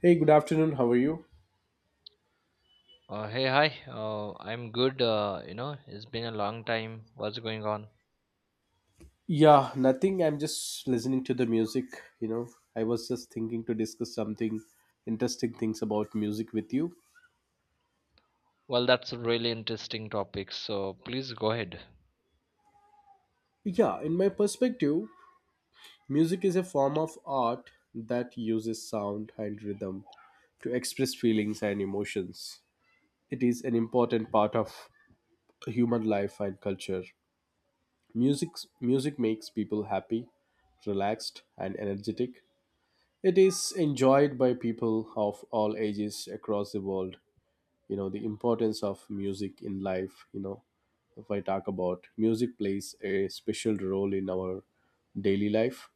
Hey, good afternoon. How are you? Hey, hi. I'm good. It's been a long time. What's going on? Yeah, nothing. I'm just listening to the music. You know, I was just thinking to discuss something interesting things about music with you. Well, that's a really interesting topic. So please go ahead. Yeah, in my perspective, music is a form of art that uses sound and rhythm to express feelings and emotions. It is an important part of human life and culture. Music music makes people happy, relaxed, and energetic. It is enjoyed by people of all ages across the world. You know, the importance of music in life, if I talk about, music plays a special role in our daily life.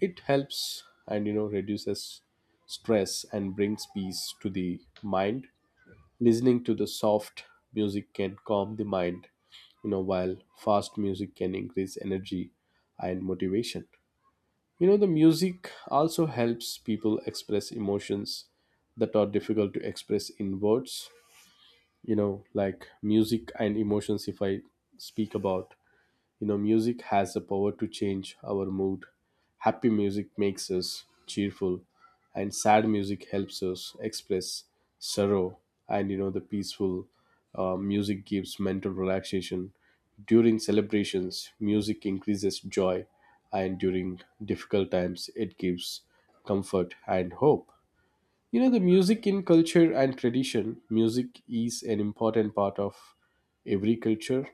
It helps and reduces stress and brings peace to the mind. Listening to the soft music can calm the mind, while fast music can increase energy and motivation. You know, the music also helps people express emotions that are difficult to express in words. You know, like music and emotions, if I speak about, music has the power to change our mood. Happy music makes us cheerful, and sad music helps us express sorrow. And you know, the peaceful music gives mental relaxation. During celebrations, music increases joy, and during difficult times, it gives comfort and hope. You know, the music in culture and tradition, music is an important part of every culture.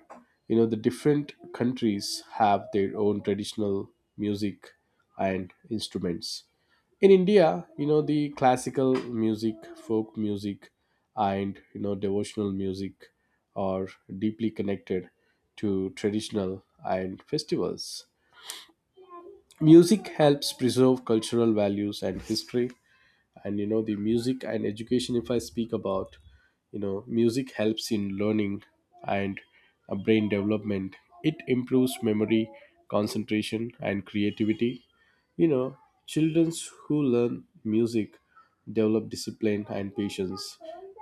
You know, the different countries have their own traditional music and instruments. In India, the classical music, folk music, and, devotional music are deeply connected to traditional and festivals. Music helps preserve cultural values and history. And the music and education, if I speak about, music helps in learning and brain development. It improves memory, concentration, and creativity. You know, children who learn music develop discipline and patience.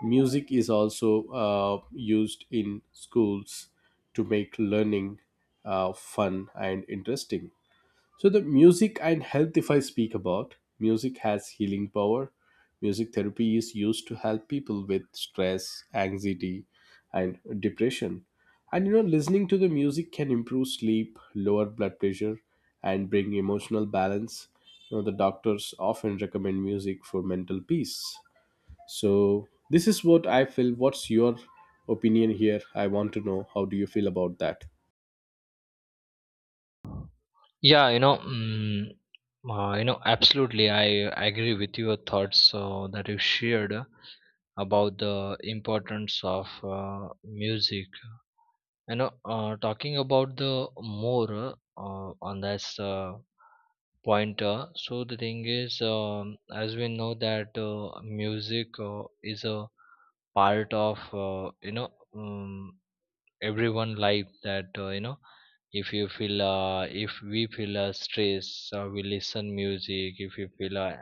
Music is also used in schools to make learning fun and interesting. So the music and health, if I speak about, music has healing power. Music therapy is used to help people with stress, anxiety, and depression. And listening to the music can improve sleep, lower blood pressure, and bring emotional balance. You know, the doctors often recommend music for mental peace. So this is what I feel. What's your opinion here? I want to know, how do you feel about that? Yeah, you know, mm, Absolutely. I agree with your thoughts that you shared about the importance of music. Talking about the more on this point, so the thing is, as we know that music is a part of um, everyone life. That if you feel, if we feel stress, we listen music. If you feel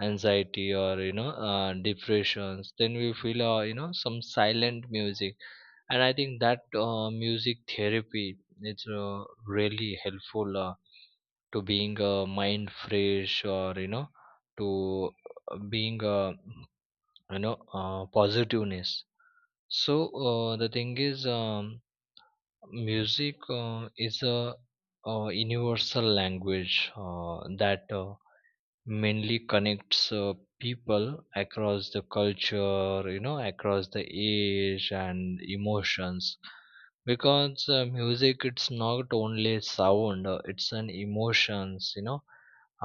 anxiety or you know depressions, then we feel some silent music, and I think that music therapy is really helpful to being mind fresh, or you know to being positiveness. So the thing is, music is a universal language that mainly connects people across the culture, you know, across the age and emotions, because music, it's not only sound, it's an emotions, you know,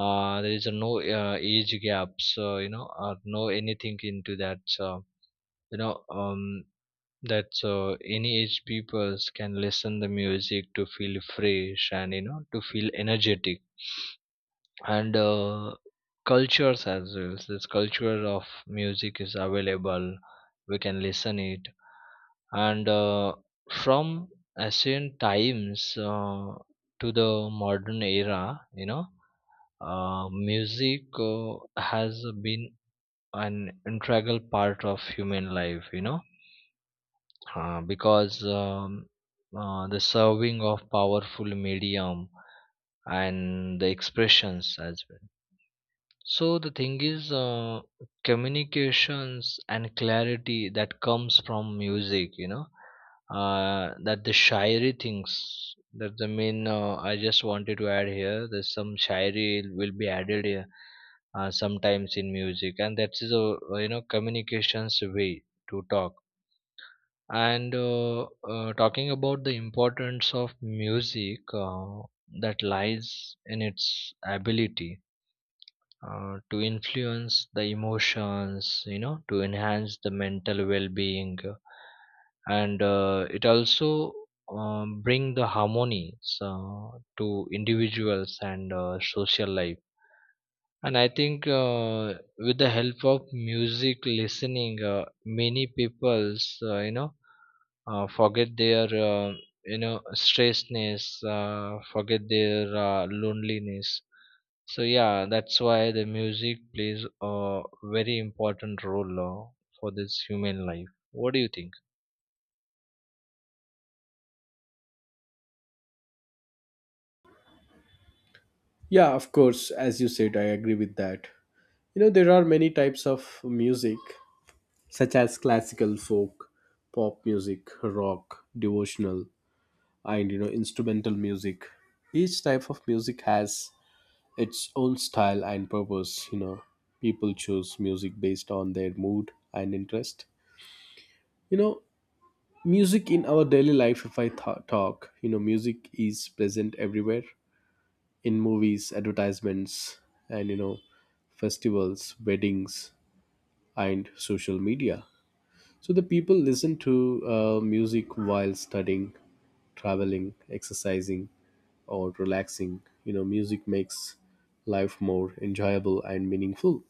there is no age gaps, or no anything into that, you know um that any age peoples can listen the music to feel fresh, and you know, to feel energetic and cultures as well. So this culture of music is available, we can listen it, and from ancient times to the modern era. You know, music has been an integral part of human life, you know, because the serving of powerful medium and the expressions as well. So the thing is, communications and clarity that comes from music, that the shayari things. That's the main. I just wanted to add here. There's some shayari will be added here, sometimes in music, and that is a communications way to talk. And Talking about the importance of music that lies in its ability to influence the emotions, you know, to enhance the mental well-being, and it also bring the harmony, so, to individuals and social life. And I think with the help of music listening, many people's, forget their, stressedness, forget their loneliness. So yeah, that's why the music plays a very important role for this human life. What do you think? Yeah, of course. As you said, I agree with that. You know, there are many types of music, such as classical, folk, pop music, rock, devotional, and instrumental music. Each type of music has its own style and purpose. You know, people choose music based on their mood and interest. You know, music in our daily life, if I talk, music is present everywhere, in movies, advertisements, and festivals, weddings, and social media. So the people listen to music while studying, traveling, exercising, or relaxing. You know, music makes life more enjoyable and meaningful.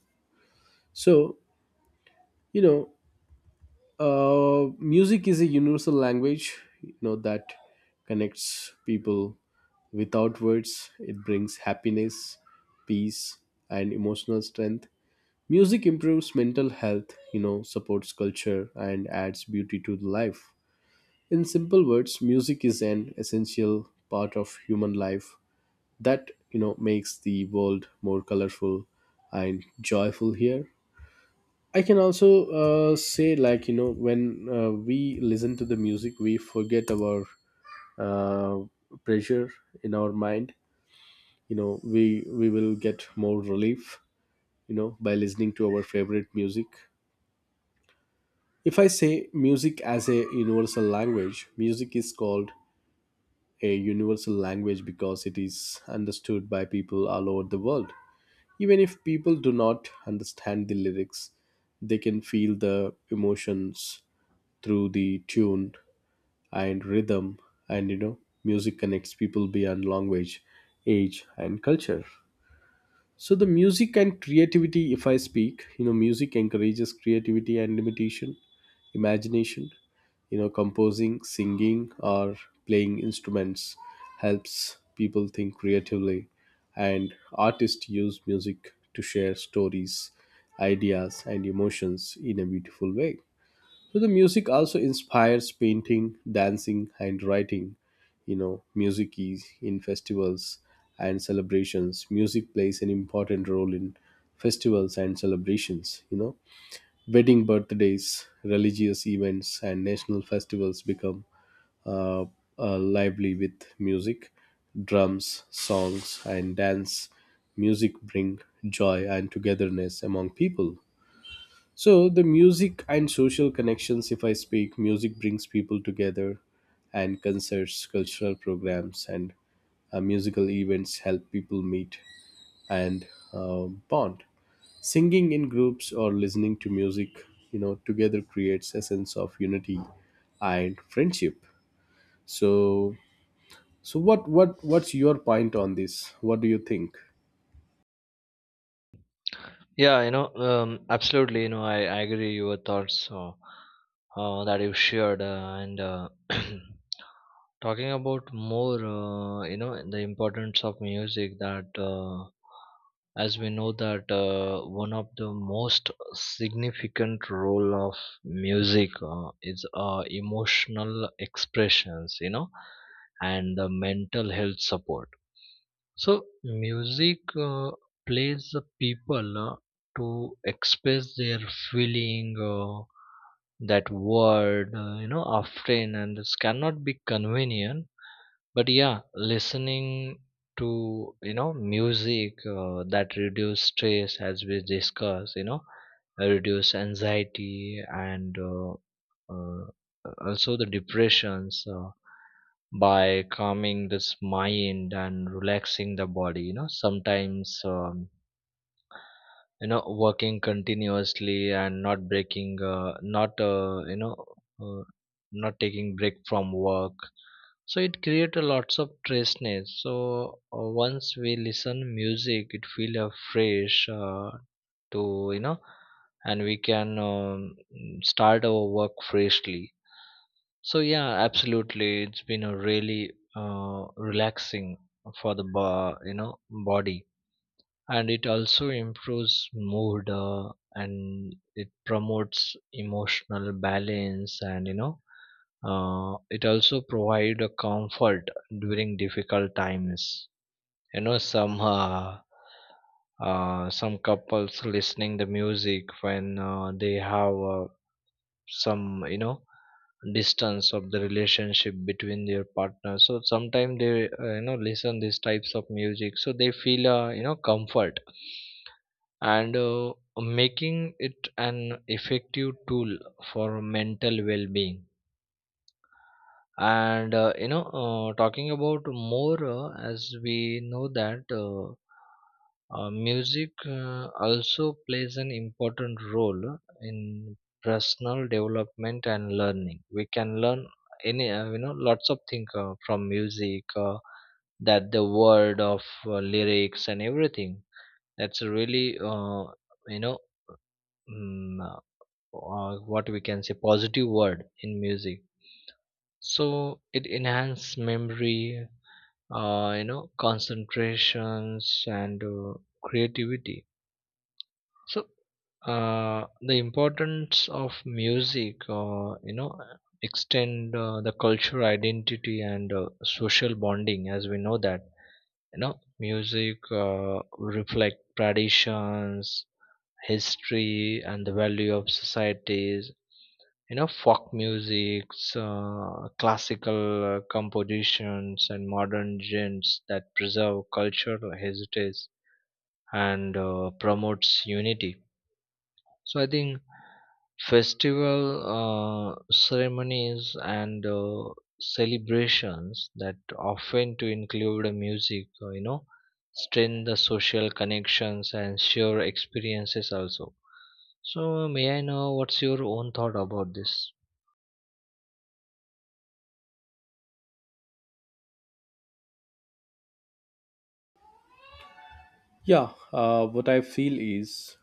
So, you know, music is a universal language, that connects people without words. It brings happiness, peace, and emotional strength. Music improves mental health, supports culture, and adds beauty to the life. In simple words, music is an essential part of human life that makes the world more colorful and joyful. Here I can also say, like, when we listen to the music, we forget our uh, pressure in our mind. You know, we will get more relief, by listening to our favorite music. If I say music as a universal language, music is called a universal language because it is understood by people all over the world. Even if people do not understand the lyrics, they can feel the emotions through the tune and rhythm. And music connects people beyond language, age, and culture. So the music and creativity, if I speak, music encourages creativity and imitation, imagination. You know, composing, singing, or playing instruments helps people think creatively, and artists use music to share stories, ideas, and emotions in a beautiful way. So the music also inspires painting, dancing, and writing. You know, music is in festivals and celebrations. Music plays an important role in festivals and celebrations. You know, wedding birthdays, religious events, and national festivals become uh, lively with music, drums, songs, and dance. Music bring joy and togetherness among people. So, the music and social connections, if I speak, music brings people together, and concerts, cultural programs, and musical events help people meet and bond. Singing in groups or listening to music, together creates a sense of unity and friendship. So, so what's your point on this? What do you think? Absolutely. You know, I agree your thoughts that you shared, and talking about more, you know, the importance of music. That, as we know, that one of the most significant role of music is emotional expressions. You know, and the mental health support. So music plays the people to express their feeling, that word, often, and this cannot be convenient. But yeah, listening to you know music that reduce stress, as we discussed, you know, reduce anxiety, and uh, also the depressions, by calming this mind and relaxing the body. You know, sometimes working continuously and not breaking, not uh, not taking break from work, so it create a lots of freshness. So once we listen music, it feel fresh to you know and we can start our work freshly. So yeah, absolutely, it's been a really relaxing for the body. And it also improves mood, and it promotes emotional balance, and you know, it also provide a comfort during difficult times. You know, some, some couples listening the music when they have some you know distance of the relationship between their partners. So sometimes they, listen these types of music, so they feel comfort, and making it an effective tool for mental well-being. And you know Talking about more, as we know that music also plays an important role in personal development and learning. We can learn any, lots of things from music, that the word of lyrics and everything. That's a really you know mm, uh, what we can say positive word in music. So it enhances memory, you know, concentrations, and creativity. So the importance of music, you know, extend the cultural identity and social bonding. As we know that, you know, music reflect traditions, history, and the value of societies. You know, folk music, classical compositions, and modern genres that preserve cultural heritage and promotes unity. So I think festival, uh, ceremonies, and celebrations that often to include a music you know strengthen the social connections and share experiences also. So may I know, what's your own thought about this? Yeah, what I feel is,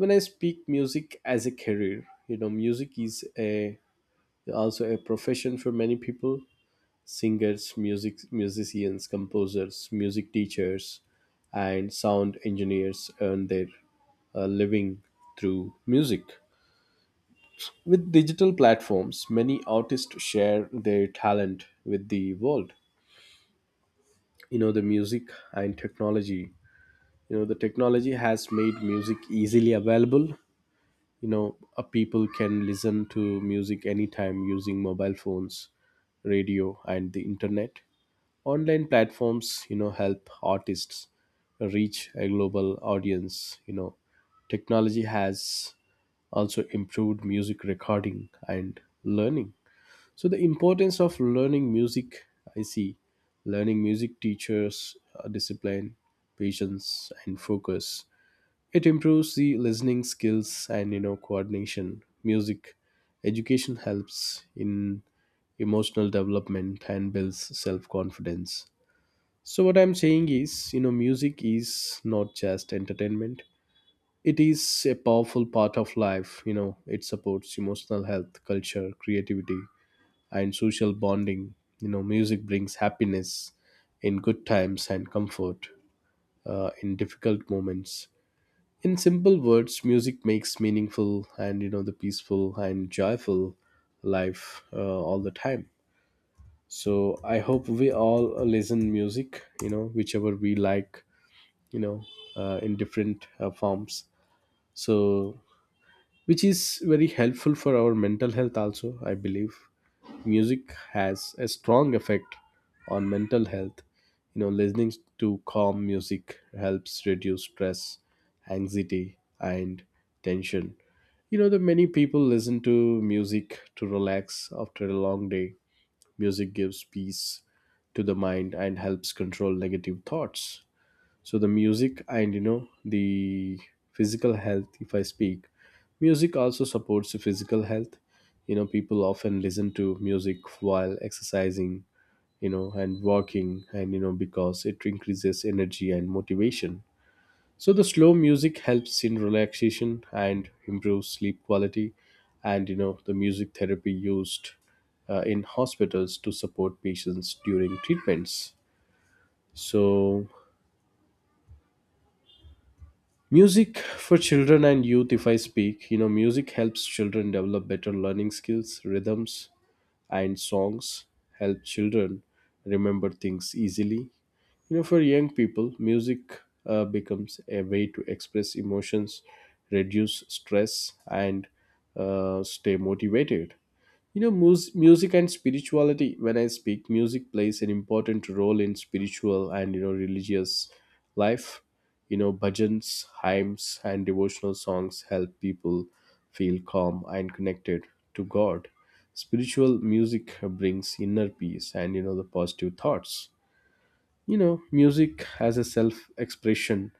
when I speak music as a career, music is a also a profession for many people. Singers, musicians, composers, music teachers, and sound engineers earn their living through music. With digital platforms, many artists share their talent with the world. You know, the music and technology, the technology has made music easily available. You know, people can listen to music anytime using mobile phones, radio, and the internet. Online platforms, help artists reach a global audience. You know, technology has also improved music recording and learning. So the importance of learning music, I see, learning music teachers discipline, patience, and focus. It improves the listening skills and coordination. Music education helps in emotional development and builds self-confidence. So what I'm saying is, music is not just entertainment. It is a powerful part of life. You know, it supports emotional health, culture, creativity, and social bonding. You know, music brings happiness in good times and comfort in difficult moments. In simple words, music makes meaningful and the peaceful and joyful life all the time. So I hope we all listen music, whichever we like, you know in different forms. So which is very helpful for our mental health. Also, I believe music has a strong effect on mental health. You know, listening to calm music helps reduce stress, anxiety, and tension. You know, the many people listen to music to relax after a long day. Music gives peace to the mind and helps control negative thoughts. So the music and, the physical health, if I speak, music also supports the physical health. You know, people often listen to music while exercising, and walking, and because it increases energy and motivation. So the slow music helps in relaxation and improves sleep quality. And the music therapy used in hospitals to support patients during treatments. So, music for children and youth, if I speak, music helps children develop better learning skills. Rhythms and songs help children remember things easily. You know, for young people, music becomes a way to express emotions, reduce stress, and stay motivated. You know, music and spirituality, when I speak, music plays an important role in spiritual and, religious life. You know, bhajans, hymns, and devotional songs help people feel calm and connected to God. Spiritual music brings inner peace and, the positive thoughts. You know, music has a self expression.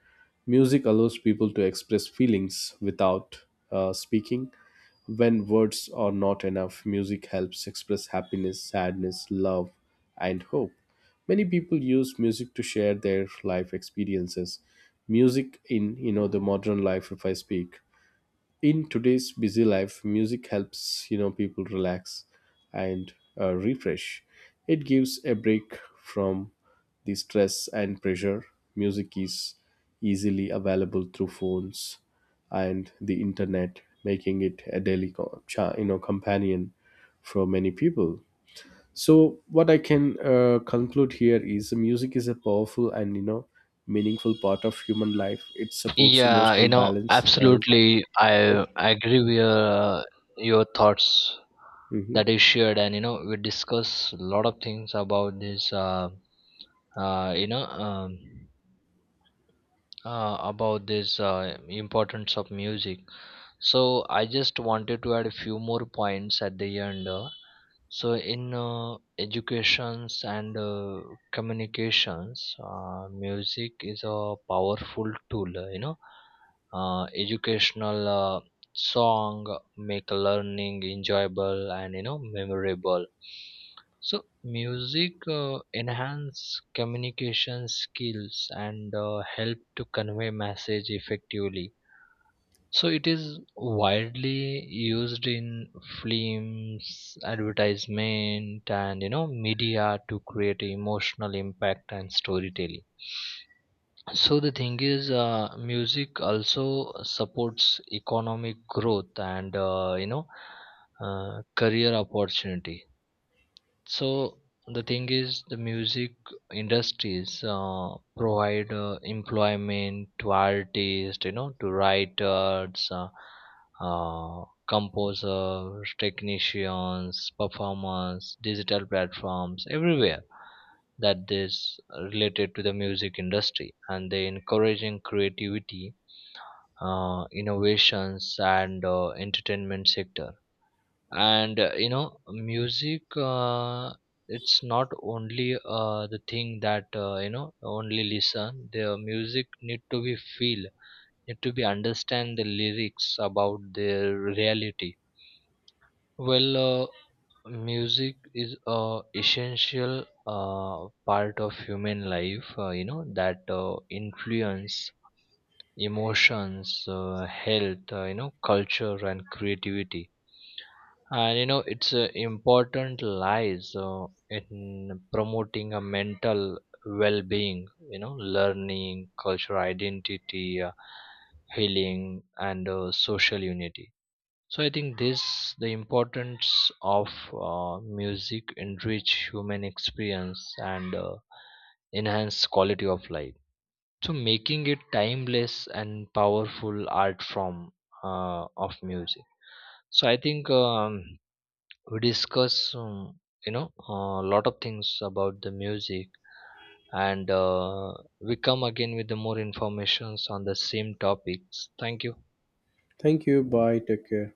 Music allows people to express feelings without speaking. When words are not enough, music helps express happiness, sadness, love, and hope. Many people use music to share their life experiences. Music in, the modern life, if I speak, in today's busy life, music helps, people relax and refresh. It gives a break from the stress and pressure. Music is easily available through phones and the internet, making it a daily companion for many people. So what I can conclude here is, music is a powerful and meaningful part of human life. It supports emotional balance, health. Absolutely. I agree with your thoughts Mhm. that is shared. And you know, we discuss a lot of things about this. Uh, you know, um, about this importance of music. So I just wanted to add a few more points at the end. So in educations and communications, music is a powerful tool. You know, educational song make learning enjoyable and you know memorable. So music enhance communication skills, and help to convey message effectively. So it is widely used in films, advertisement, and you know media to create emotional impact and storytelling. So the thing is, music also supports economic growth, and career opportunity. So the thing is, the music industries provide employment to artists, you know, to writers, composers, technicians, performers, digital platforms, everywhere that is related to the music industry, and they encouraging creativity, innovations, and entertainment sector. And you know, music, it's not only the thing that you know only listen the music, need to be feel, need to be understand the lyrics about their reality. Well, music is a essential part of human life, you know, that influence emotions, health, you know, culture, and creativity. And you know, it's important lies in promoting a mental well-being, you know, learning cultural identity, healing, and social unity. So I think this the importance of music enrich human experience and enhance quality of life, so making it timeless and powerful art form of music. So I think, we discuss, a lot of things about the music, and we come again with the more informations on the same topics. Thank you. Thank you. Bye. Take care.